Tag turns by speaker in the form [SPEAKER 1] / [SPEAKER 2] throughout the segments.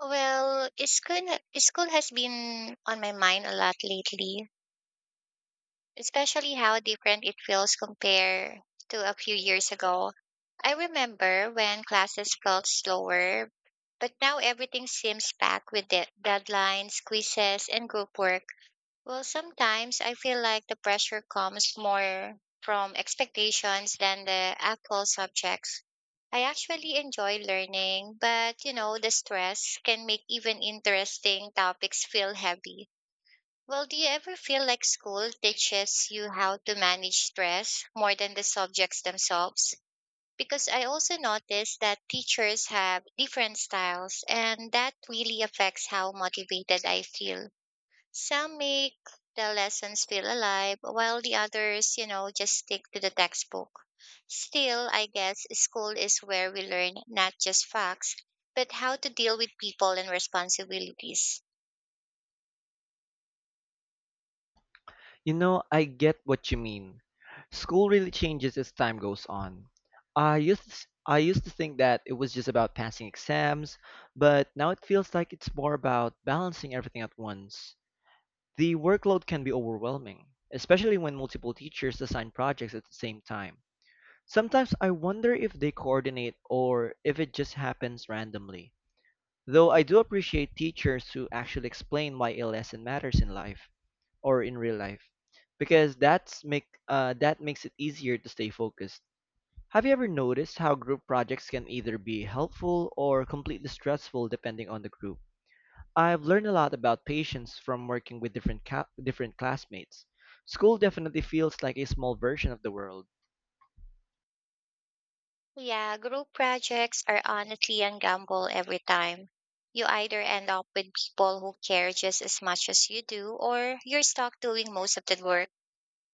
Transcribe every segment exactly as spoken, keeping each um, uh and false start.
[SPEAKER 1] Well, is school is school has been on my mind a lot lately, especially how different it feels compared to a few years ago. I remember when classes felt slower, but now everything seems packed with de- deadlines, quizzes, and group work. Well, sometimes I feel like the pressure comes more from expectations than the actual subjects. I actually enjoy learning, but you know, the stress can make even interesting topics feel heavy. Well, do you ever feel like school teaches you how to manage stress more than the subjects themselves? Because I also noticed that teachers have different styles, and that really affects how motivated I feel. Some make the lessons feel alive, while the others, you know, just stick to the textbook. Still, I guess school is where we learn not just facts, but how to deal with people and responsibilities.
[SPEAKER 2] You know, I get what you mean. School really changes as time goes on. I used to, s- I used to think that it was just about passing exams, but now it feels like it's more about balancing everything at once. The workload can be overwhelming, especially when multiple teachers assign projects at the same time. Sometimes I wonder if they coordinate or if it just happens randomly. Though I do appreciate teachers who actually explain why a lesson matters in life or in real life because that's make uh, that makes it easier to stay focused. Have you ever noticed how group projects can either be helpful or completely stressful depending on the group? I've learned a lot about patience from working with different ca- different classmates. School definitely feels like a small version of the world.
[SPEAKER 1] Yeah, group projects are honestly a gamble every time. You either end up with people who care just as much as you do, or you're stuck doing most of the work.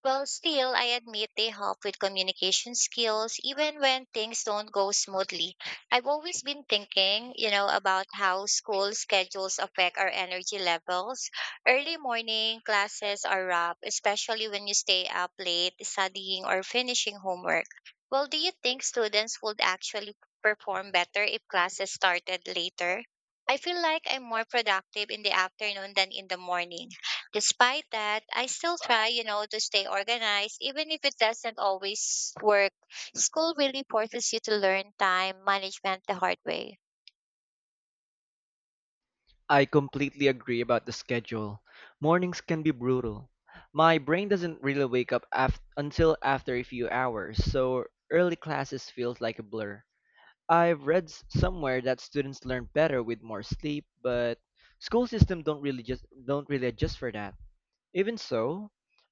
[SPEAKER 1] Well, still, I admit they help with communication skills, even when things don't go smoothly. I've always been thinking, you know, about how school schedules affect our energy levels. Early morning classes are rough, especially when you stay up late studying or finishing homework. Well, do you think students would actually perform better if classes started later? I feel like I'm more productive in the afternoon than in the morning. Despite that, I still try, you know, to stay organized, even if it doesn't always work. School really forces you to learn time management the hard way.
[SPEAKER 2] I completely agree about the schedule. Mornings can be brutal. My brain doesn't really wake up af- until after a few hours, so early classes feels like a blur. I've read s- somewhere that students learn better with more sleep, but school system don't really just don't really adjust for that. Even so,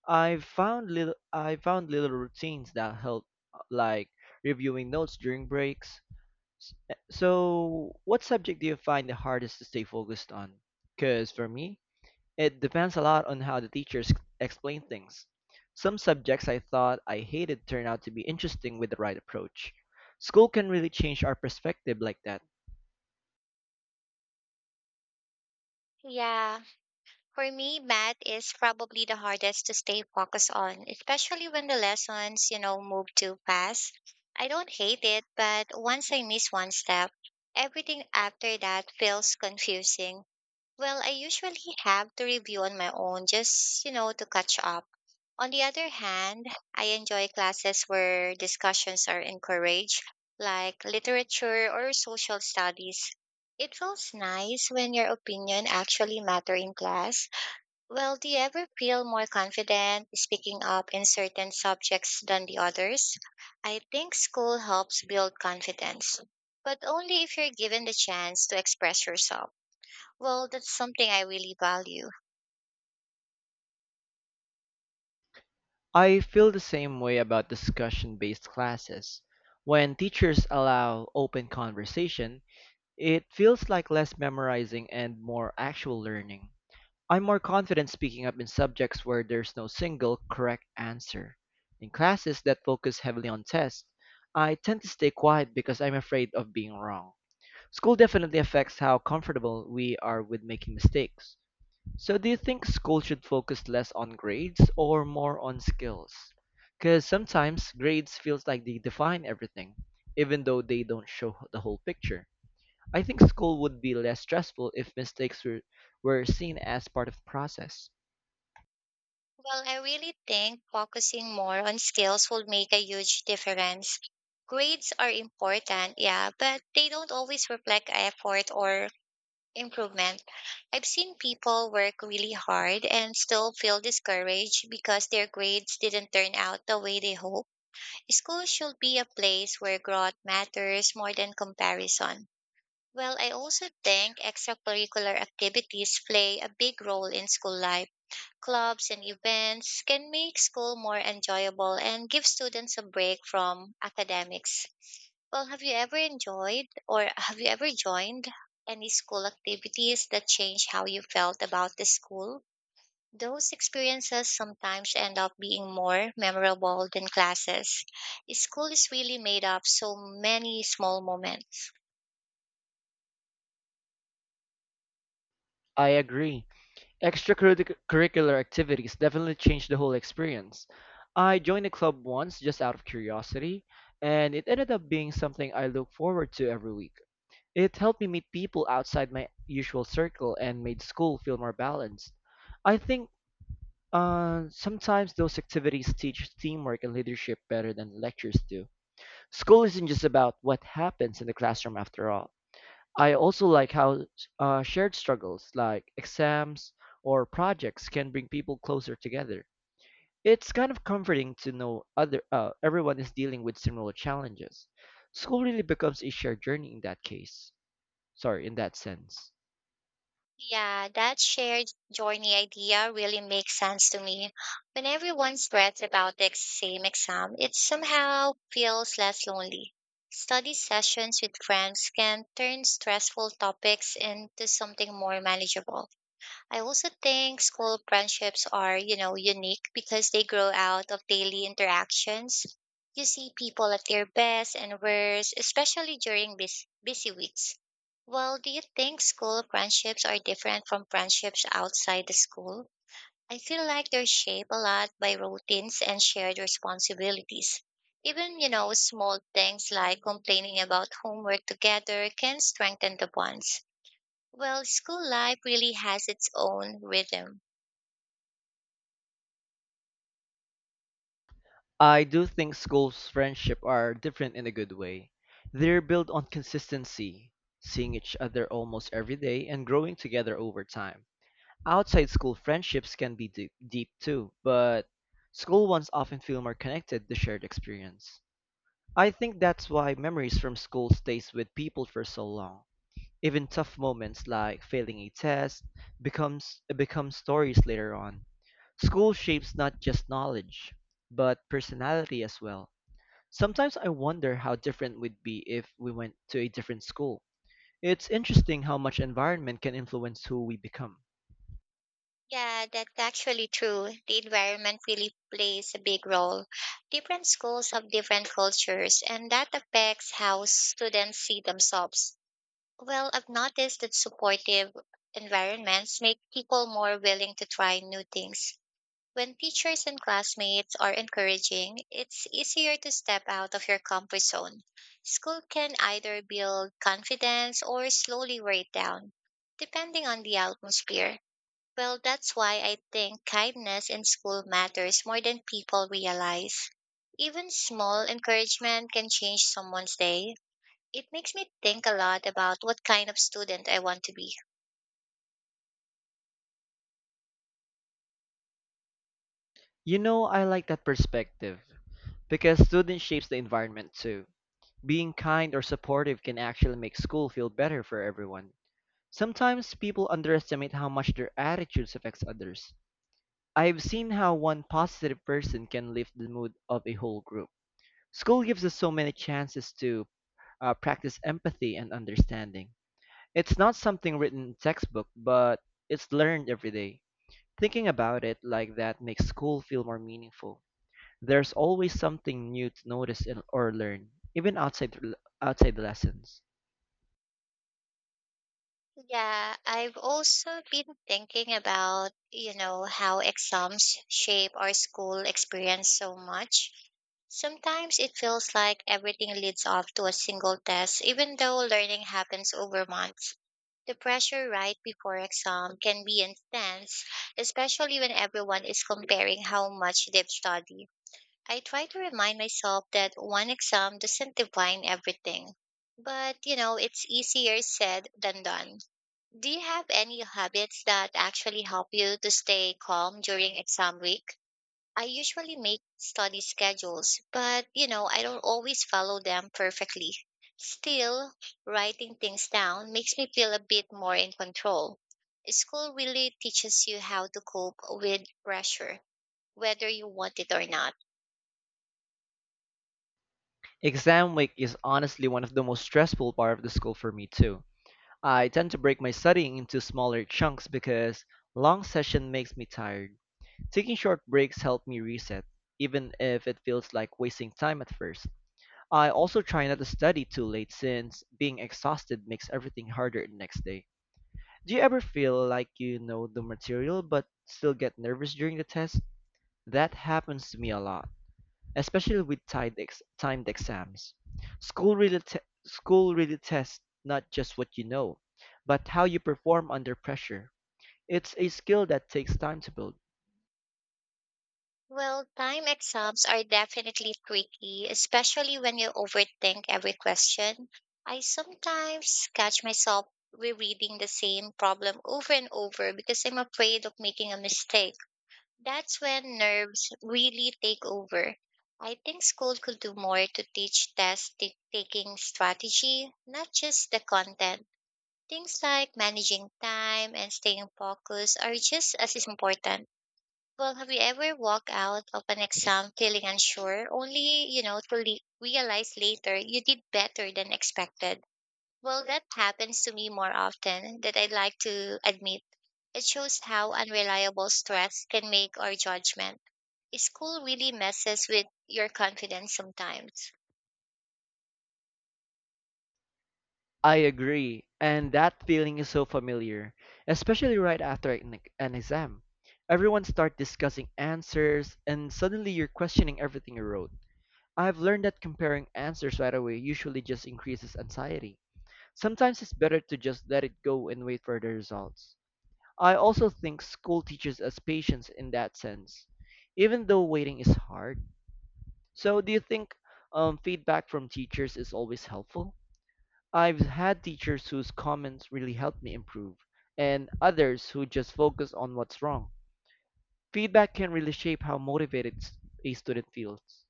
[SPEAKER 2] I've found little I found little routines that help, uh, like reviewing notes during breaks. S- eh, So, what subject do you find the hardest to stay focused on? Because for me, it depends a lot on how the teachers explain things. Some subjects I thought I hated turned out to be interesting with the right approach. School can really change our perspective like that.
[SPEAKER 1] Yeah, for me, math is probably the hardest to stay focused on, especially when the lessons, you know, move too fast. I don't hate it, but once I miss one step, everything after that feels confusing. Well, I usually have to review on my own just, you know, to catch up. On the other hand, I enjoy classes where discussions are encouraged, like literature or social studies. It feels nice when your opinion actually matter in class. Well, do you ever feel more confident speaking up in certain subjects than the others? I think school helps build confidence, but only if you're given the chance to express yourself. Well, that's something I really value.
[SPEAKER 2] I feel the same way about discussion based classes. When teachers allow open conversation, it feels like less memorizing and more actual learning. I'm more confident speaking up in subjects where there's no single correct answer. In classes that focus heavily on tests, I tend to stay quiet because I'm afraid of being wrong. School definitely affects how comfortable we are with making mistakes. So, do you think school should focus less on grades or more on skills? Because sometimes grades feels like they define everything, even though they don't show the whole picture. I think school would be less stressful if mistakes were, were seen as part of the process.
[SPEAKER 1] Well, I really think focusing more on skills will make a huge difference. Grades are important, yeah, but they don't always reflect effort or improvement. I've seen people work really hard and still feel discouraged because their grades didn't turn out the way they hoped. School should be a place where growth matters more than comparison. Well, I also think extracurricular activities play a big role in school life clubs, and events can make school more enjoyable and give students a break from academics. Well, have you ever enjoyed or have you ever joined any school activities that changed how you felt about the school? Those experiences sometimes end up being more memorable than classes. School is really made up so many small moments.
[SPEAKER 2] I agree. Extracurricular activities definitely change the whole experience. I joined a club once just out of curiosity, and it ended up being something I look forward to every week. It helped me meet people outside my usual circle and made school feel more balanced. I think uh, sometimes those activities teach teamwork and leadership better than lectures do. School isn't just about what happens in the classroom after all. I also like how uh, shared struggles like exams or projects can bring people closer together. It's kind of comforting to know other uh, everyone is dealing with similar challenges. School really becomes a shared journey in that case. Sorry, in that sense.
[SPEAKER 1] Yeah, that shared journey idea really makes sense to me. When everyone spreads about the same exam, it somehow feels less lonely. Study sessions with friends can turn stressful topics into something more manageable. I also think school friendships are, you know, unique because they grow out of daily interactions. You see people at their best and worst, especially during busy, busy weeks. Well, do you think school friendships are different from friendships outside the school? I feel like they're shaped a lot by routines and shared responsibilities. Even, you know, small things like complaining about homework together can strengthen the bonds. Well, school life really has its own rhythm.
[SPEAKER 2] I do think school's friendship are different in a good way. They're built on consistency, seeing each other almost every day and growing together over time. Outside school friendships can be deep, deep too, but school ones often feel more connected to shared experience. I think that's why memories from school stays with people for so long. Even tough moments like failing a test becomes become stories later on. School shapes not just knowledge, but personality as well. Sometimes I wonder how different we'd be if we went to a different school. It's interesting how much environment can influence who we become.
[SPEAKER 1] Yeah, that's actually true. The environment really plays a big role. Different schools have different cultures, and that affects how students see themselves. Well, I've noticed that supportive environments make people more willing to try new things. When teachers and classmates are encouraging, it's easier to step out of your comfort zone. School can either build confidence or slowly wear it down, depending on the atmosphere. Well, that's why I think kindness in school matters more than people realize. Even small encouragement can change someone's day. It makes me think a lot about what kind of student I want to be.
[SPEAKER 2] You know, I like that perspective because student shapes the environment too. Being kind or supportive can actually make school feel better for everyone. Sometimes people underestimate how much their attitudes affects others. I've seen how one positive person can lift the mood of a whole group. School gives us so many chances to uh, practice empathy and understanding. It's not something written in textbook, but it's learned every day. Thinking about it like that makes school feel more meaningful. There's always something new to notice and, or learn, even outside outside the lessons.
[SPEAKER 1] Yeah, I've also been thinking about, you know, how exams shape our school experience so much. Sometimes it feels like everything leads off to a single test, even though learning happens over months. The pressure right before exam can be intense, especially when everyone is comparing how much they've studied. I try to remind myself that one exam doesn't define everything. But, you know, it's easier said than done do you have any habits that actually help you to stay calm during exam week? I usually make study schedules, but you know, I don't always follow them perfectly. Still, writing things down makes me feel a bit more in control. School really teaches you how to cope with pressure, whether you want it or not.
[SPEAKER 2] Exam week is honestly one of the most stressful part of the school for me too. I tend to break my studying into smaller chunks because long session makes me tired. Taking short breaks help me reset, even if it feels like wasting time at first. I also try not to study too late since being exhausted makes everything harder the next day. Do you ever feel like you know the material but still get nervous during the test? That happens to me a lot, especially with timed, ex- timed exams. School really, te- school really tests not just what you know, but how you perform under pressure. It's a skill that takes time to build.
[SPEAKER 1] Well, time exams are definitely tricky, especially when you overthink every question. I sometimes catch myself rereading the same problem over and over because I'm afraid of making a mistake. That's when nerves really take over. I think school could do more to teach test ta- taking strategy, not just the content. Things like managing time and staying focused are just as important. Well, have you ever walked out of an exam feeling unsure, only, you know, to le- realize later you did better than expected? Well, that happens to me more often than I'd like to admit. It shows how unreliable stress can make our judgment. School really messes with your confidence sometimes.
[SPEAKER 2] I agree, and that feeling is so familiar, especially right after an, ex- an exam. Everyone starts discussing answers, and suddenly you're questioning everything you wrote. I've learned that comparing answers right away usually just increases anxiety. Sometimes it's better to just let it go and wait for the results. I also think school teaches us patience in that sense, even though waiting is hard. So, do you think um, feedback from teachers is always helpful? I've had teachers whose comments really helped me improve, and others who just focus on what's wrong. Feedback can really shape how motivated s- a student feels.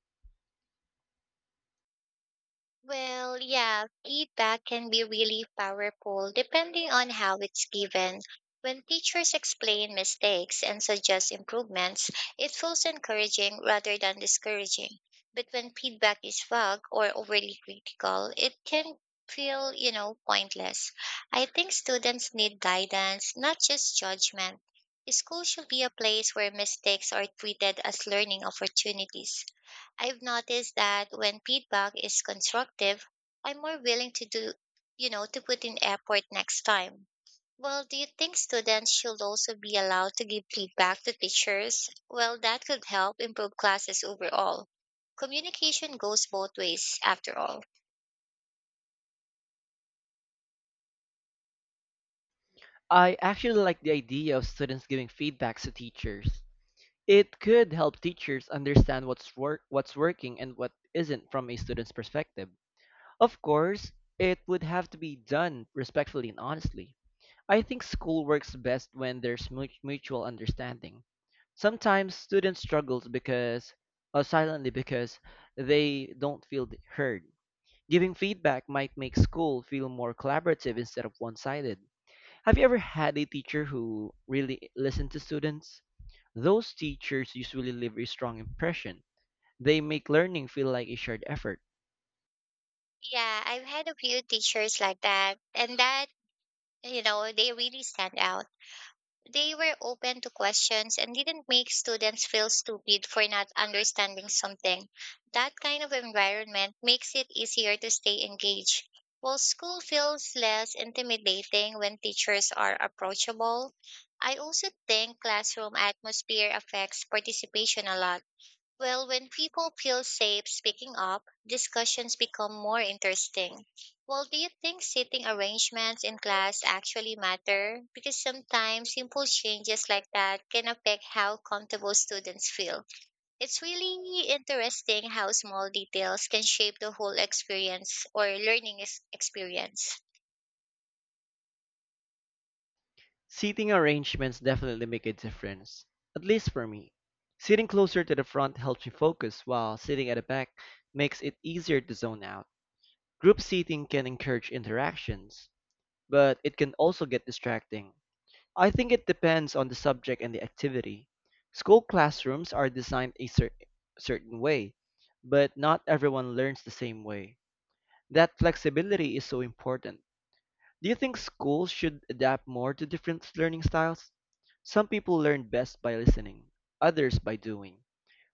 [SPEAKER 1] Well, yeah, feedback can be really powerful depending on how it's given. When teachers explain mistakes and suggest improvements, it feels encouraging rather than discouraging. But when feedback is vague or overly critical, it can feel, you know, pointless. I think students need guidance, not just judgment. School should be a place where mistakes are treated as learning opportunities. I've noticed that when feedback is constructive, I'm more willing to do, you know, to put in effort next time. Well, do you think students should also be allowed to give feedback to teachers? Well, that could help improve classes overall. Communication goes both ways, after all.
[SPEAKER 2] I actually like the idea of students giving feedbacks to teachers. It could help teachers understand what's work what's working and what isn't from a student's perspective. Of course, it would have to be done respectfully and honestly. I think school works best when there's mu- mutual understanding. Sometimes students struggle because or silently because they don't feel heard. Giving feedback might make school feel more collaborative instead of one-sided. Have you ever had a teacher who really listened to students? Those teachers usually leave a strong impression. They make learning feel like a shared effort.
[SPEAKER 1] Yeah, I've had a few teachers like that, and that, you know, they really stand out. They were open to questions and didn't make students feel stupid for not understanding something. That kind of environment makes it easier to stay engaged. While school feels less intimidating when teachers are approachable, I also think classroom atmosphere affects participation a lot. Well, when people feel safe speaking up, discussions become more interesting. Well, do you think seating arrangements in class actually matter? Because sometimes simple changes like that can affect how comfortable students feel. It's really interesting how small details can shape the whole experience or learning ex- experience.
[SPEAKER 2] Seating arrangements definitely make a difference, at least for me. Sitting closer to the front helps me focus, while sitting at the back makes it easier to zone out. Group seating can encourage interactions, but it can also get distracting. I think it depends on the subject and the activity. School classrooms are designed a cer- certain way, but not everyone learns the same way. That flexibility is so important. Do you think schools should adapt more to different learning styles? Some people learn best by listening, others by doing.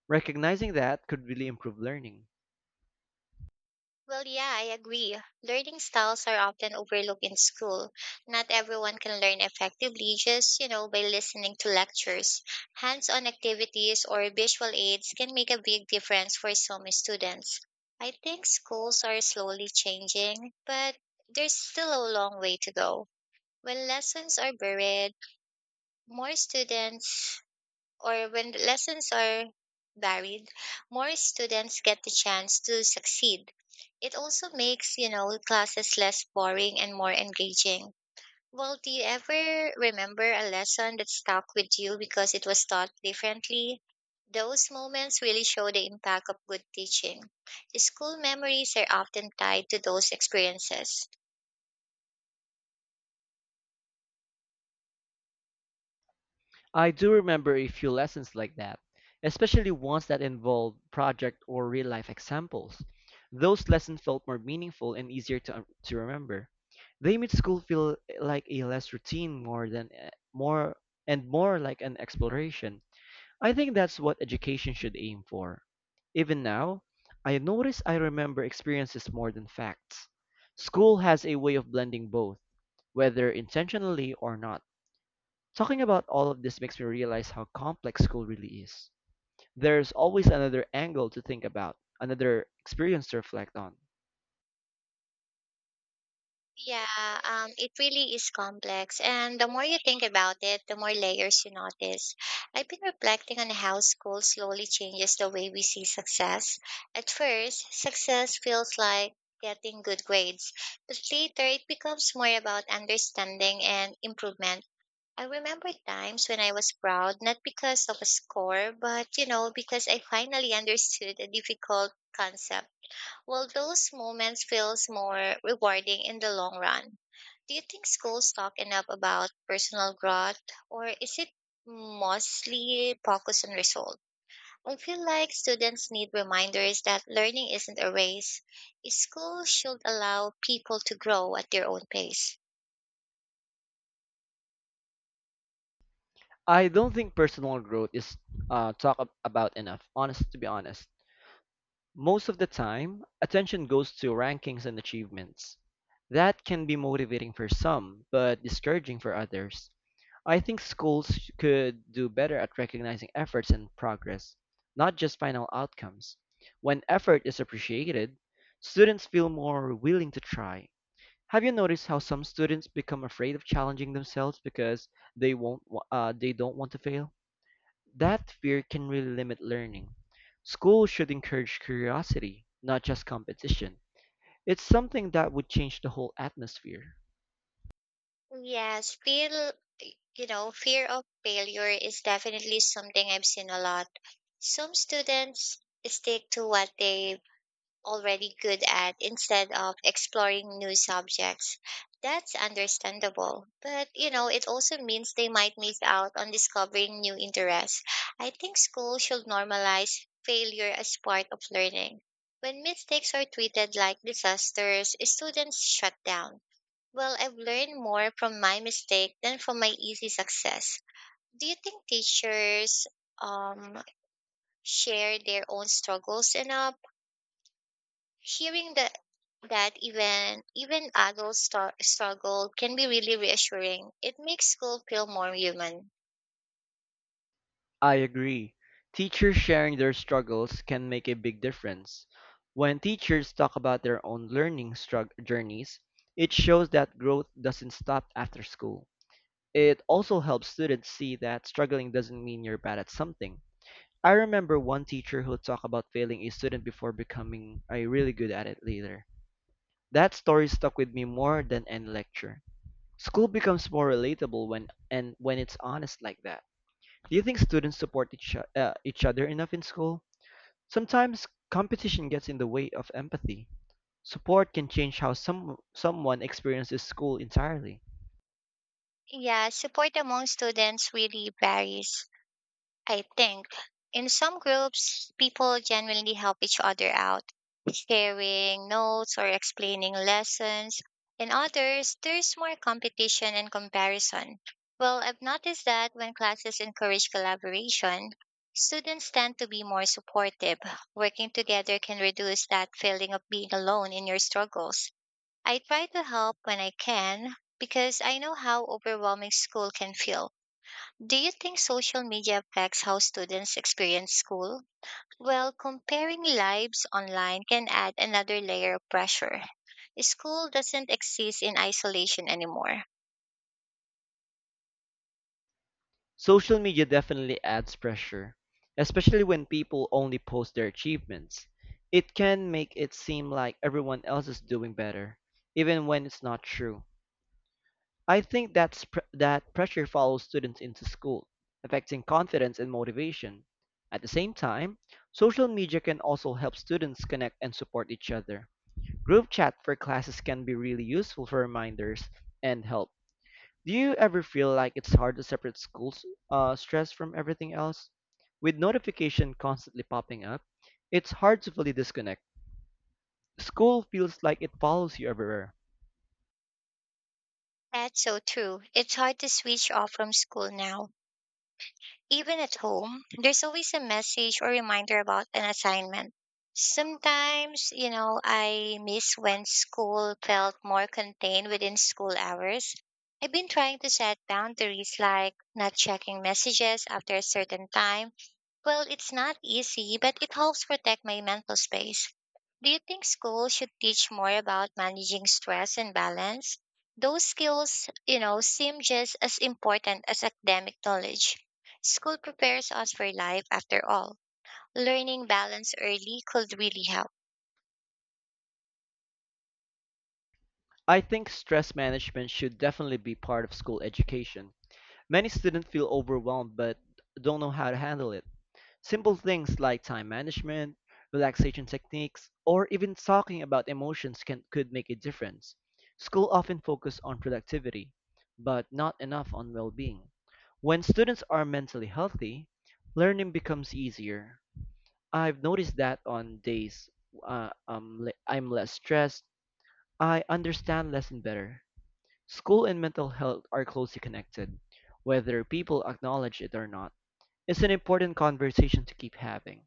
[SPEAKER 2] Recognizing that could really improve learning.
[SPEAKER 1] Well, yeah, I agree. Learning styles are often overlooked in school. Not everyone can learn effectively just, you know, by listening to lectures. Hands on activities or visual aids can make a big difference for some students. I think schools are slowly changing, but there's still a long way to go. When lessons are buried, more students or when the lessons are varied, more students get the chance to succeed. It also makes, you know, classes less boring and more engaging. Well, do you ever remember a lesson that stuck with you because it was taught differently? Those moments really show the impact of good teaching. School memories are often tied to those experiences.
[SPEAKER 2] I do remember a few lessons like that, especially ones that involved project or real life examples. Those lessons felt more meaningful and easier to, um, to remember. They made school feel eh, like a less routine more than eh, more and more like an exploration. I think that's what education should aim for. Even now, I notice I remember experiences more than facts. School has a way of blending both, whether intentionally or not. Talking about all of this makes me realize how complex school really is. There's always another angle to think about, another experience to reflect on.
[SPEAKER 1] Yeah, um, it really is complex. And the more you think about it, the more layers you notice. I've been reflecting on how school slowly changes the way we see success. At first, success feels like getting good grades, but later it becomes more about understanding and improvement. I remember times when I was proud, not because of a score, but you know, because I finally understood a difficult concept. Well, those moments feels more rewarding in the long run. Do you think schools talk enough about personal growth or is it mostly focused on results? I feel like students need reminders that learning isn't a race. Schools should allow people to grow at their own pace.
[SPEAKER 2] I don't think personal growth is uh, talked about enough, honest to be honest. Most of the time, attention goes to rankings and achievements. That can be motivating for some, but discouraging for others. I think schools could do better at recognizing efforts and progress, not just final outcomes. When effort is appreciated, students feel more willing to try. Have you noticed how some students become afraid of challenging themselves because they won't wa- uh, they don't want to fail? That fear can really limit learning. School should encourage curiosity, not just competition. It's something that would change the whole atmosphere.
[SPEAKER 1] Yes, feel you know, fear of failure is definitely something I've seen a lot. Some students stick to what they already good at instead of exploring new subjects. That's understandable. But, you know, it also means they might miss out on discovering new interests. I think school should normalize failure as part of learning. When mistakes are treated like disasters, students shut down. Well, I've learned more from my mistake than from my easy success. Do you think teachers um, share their own struggles enough? Hearing that that even even adults star- struggle can be really reassuring. It makes school feel more human.
[SPEAKER 2] I agree. Teachers sharing their struggles can make a big difference. When teachers talk about their own learning strug- journeys, it shows that growth doesn't stop after school. It also helps students see that struggling doesn't mean you're bad at something. I remember one teacher who talked about failing a student before becoming a really good at it later. That story stuck with me more than any lecture. School becomes more relatable when and when it's honest like that. Do you think students support each, o- uh, each other enough in school? Sometimes competition gets in the way of empathy. Support can change how some someone experiences school entirely.
[SPEAKER 1] Yeah, support among students really varies. I think in some groups, people genuinely help each other out, sharing notes or explaining lessons. In others, there's more competition and comparison. Well, I've noticed that when classes encourage collaboration, students tend to be more supportive. Working together can reduce that feeling of being alone in your struggles. I try to help when I can because I know how overwhelming school can feel. Do you think social media affects how students experience school? Well, comparing lives online can add another layer of pressure. School doesn't exist in isolation anymore.
[SPEAKER 2] Social media definitely adds pressure, especially when people only post their achievements. It can make it seem like everyone else is doing better, even when it's not true. I think that's pr- that pressure follows students into school, affecting confidence and motivation. At the same time, social media can also help students connect and support each other. Group chat for classes can be really useful for reminders and help. Do you ever feel like it's hard to separate school s- uh, stress from everything else? With notification constantly popping up, it's hard to fully disconnect. School feels like it follows you everywhere.
[SPEAKER 1] That's so true. It's hard to switch off from school now. Even at home, there's always a message or reminder about an assignment. Sometimes, you know, I miss when school felt more contained within school hours. I've been trying to set boundaries like not checking messages after a certain time. Well, it's not easy, but it helps protect my mental space. Do you think schools should teach more about managing stress and balance? Those skills, you know, seem just as important as academic knowledge. School prepares us for life after all. Learning balance early could really help.
[SPEAKER 2] I think stress management should definitely be part of school education. Many students feel overwhelmed but don't know how to handle it. Simple things like time management, relaxation techniques, or even talking about emotions can could make a difference. School often focus on productivity, but not enough on well-being. When students are mentally healthy, learning becomes easier. I've noticed that on days uh, um, le- I'm less stressed, I understand lesson better. School and mental health are closely connected, whether people acknowledge it or not. It's an important conversation to keep having.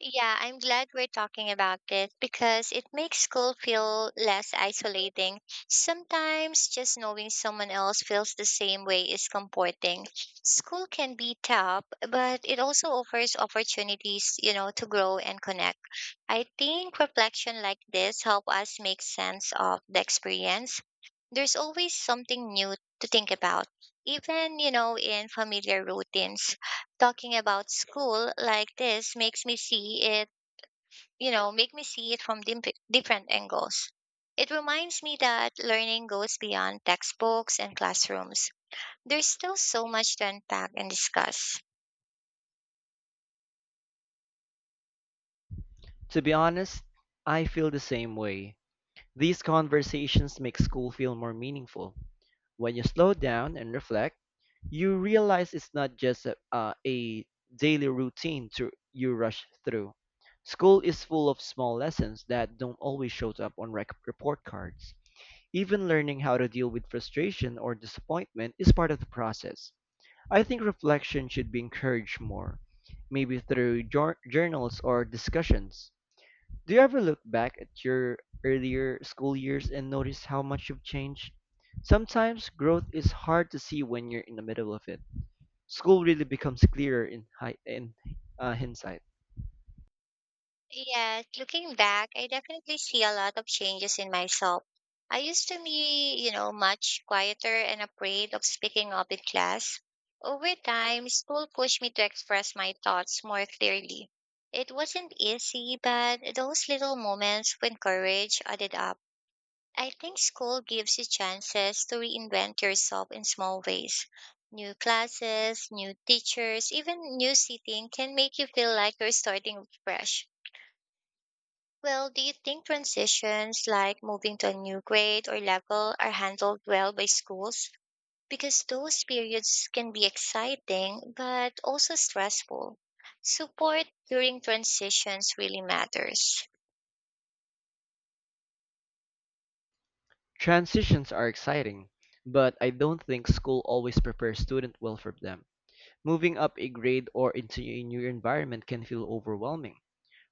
[SPEAKER 1] Yeah, I'm glad we're talking about this because it makes school feel less isolating. Sometimes just knowing someone else feels the same way is comforting. School can be tough, but it also offers opportunities, you know, to grow and connect. I think reflection like this help us make sense of the experience. There's always something new to think about. Even, you know, in familiar routines, talking about school like this makes me see it, you know, make me see it from dim- different angles. It reminds me that learning goes beyond textbooks and classrooms. There's still so much to unpack and discuss.
[SPEAKER 2] To be honest, I feel the same way. These conversations make school feel more meaningful. When you slow down and reflect, you realize it's not just a, uh, a daily routine to, you rush through. School is full of small lessons that don't always show up on rec- report cards. Even learning how to deal with frustration or disappointment is part of the process. I think reflection should be encouraged more, maybe through jour- journals or discussions. Do you ever look back at your earlier school years and notice how much you've changed? Sometimes growth is hard to see when you're in the middle of it. School really becomes clearer in, hi- in uh, hindsight.
[SPEAKER 1] Yes, looking back, I definitely see a lot of changes in myself. I used to be, you know, much quieter and afraid of speaking up in class. Over time, school pushed me to express my thoughts more clearly. It wasn't easy, but those little moments when courage added up. I think school gives you chances to reinvent yourself in small ways. New classes, new teachers, even new seating can make you feel like you're starting fresh. Well, do you think transitions like moving to a new grade or level are handled well by schools? Because those periods can be exciting but also stressful. Support during transitions really matters.
[SPEAKER 2] Transitions are exciting, but I don't think school always prepares students well for them. Moving up a grade or into a new environment can feel overwhelming.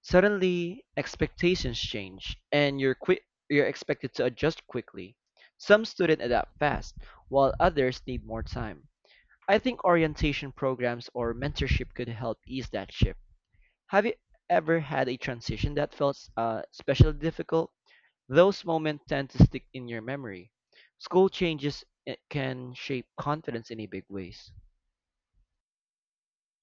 [SPEAKER 2] Suddenly, expectations change, and you're quick you're expected to adjust quickly. Some students adapt fast, while others need more time. I think orientation programs or mentorship could help ease that shift. Have you ever had a transition that felt uh, especially difficult? Those moments tend to stick in your memory. School changes eh, can shape confidence in a big ways.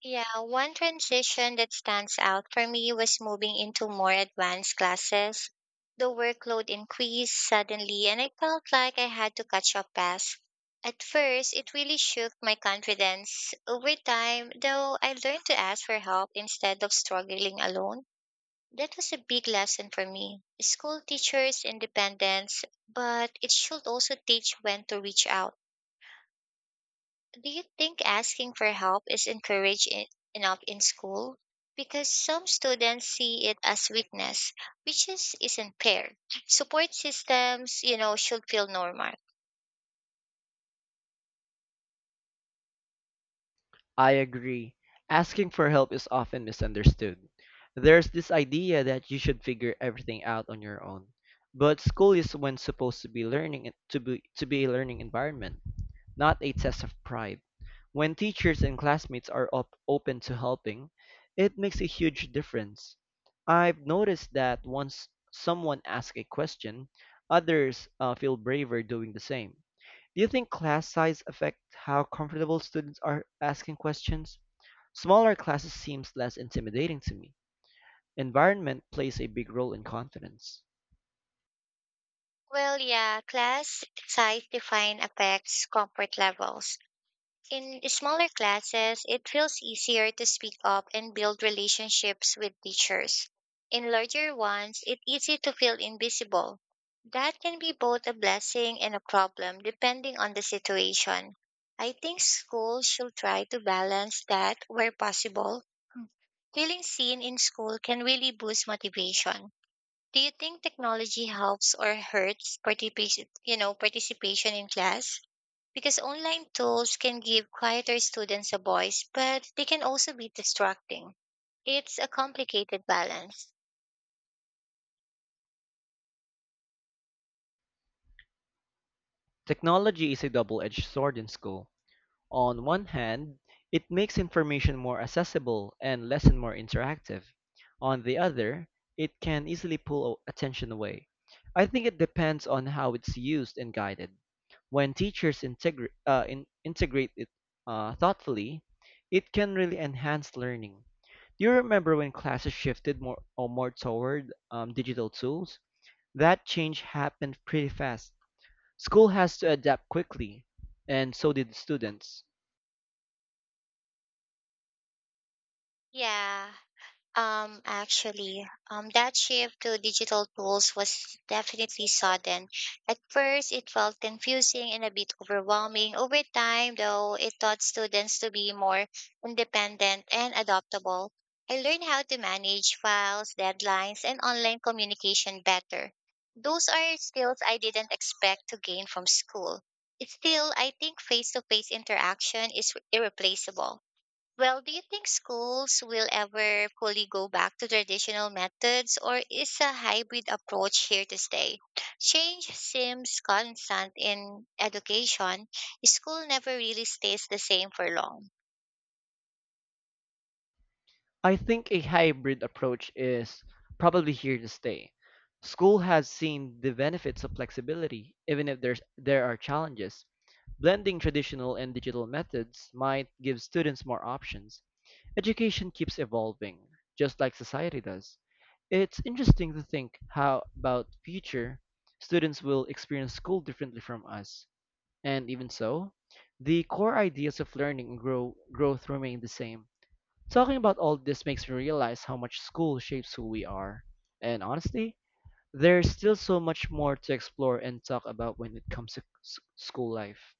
[SPEAKER 1] Yeah, one transition that stands out for me was moving into more advanced classes. The workload increased suddenly, and I felt like I had to catch up fast. At first, it really shook my confidence. Over time, though, I learned to ask for help instead of struggling alone. That was a big lesson for me. School teaches independence, but it should also teach when to reach out. Do you think asking for help is encouraged in, enough in school? Because some students see it as weakness, which is, isn't fair. Support systems, you know, should feel normal.
[SPEAKER 2] I agree. Asking for help is often misunderstood. There's this idea that you should figure everything out on your own. But school is when supposed to be learning to be to be a learning environment, not a test of pride. When teachers and classmates are op- open to helping, it makes a huge difference. I've noticed that once someone asks a question, others uh, feel braver doing the same. Do you think class size affect how comfortable students are asking questions? Smaller classes seems less intimidating to me. Environment plays a big role in confidence.
[SPEAKER 1] Well, yeah, class size define affects comfort levels. In smaller classes, it feels easier to speak up and build relationships with teachers. In larger ones, it's easy to feel invisible. That can be both a blessing and a problem depending on the situation. I think schools should try to balance that where possible. Feeling seen in school can really boost motivation. Do you think technology helps or hurts participation, you know, participation in class? Because online tools can give quieter students a voice, but they can also be distracting. It's a complicated balance.
[SPEAKER 2] Technology is a double-edged sword in school. On one hand, it makes information more accessible and lesson more interactive. On the other, it can easily pull a- attention away. I think it depends on how it's used and guided. When teachers integra- uh, in- integrate it uh, thoughtfully, it can really enhance learning. Do you remember when classes shifted more or more toward um, digital tools? That change happened pretty fast. School has to adapt quickly, and so did students.
[SPEAKER 1] Yeah, Um, actually, um, that shift to digital tools was definitely sudden. At first, it felt confusing and a bit overwhelming. Over time, though, it taught students to be more independent and adaptable. I learned how to manage files, deadlines, and online communication better. Those are skills I didn't expect to gain from school. Still, I think face to face interaction is irreplaceable. Well, do you think schools will ever fully go back to traditional methods, or is a hybrid approach here to stay? Change seems constant in education. School never really stays the same for long.
[SPEAKER 2] I think a hybrid approach is probably here to stay. School has seen the benefits of flexibility, even if there's, there are challenges. Blending traditional and digital methods might give students more options. Education keeps evolving, just like society does. It's interesting to think how about future students will experience school differently from us. And even so, the core ideas of learning and grow, growth remain the same. Talking about all this makes me realize how much school shapes who we are. And honestly, there's still so much more to explore and talk about when it comes to s- school life.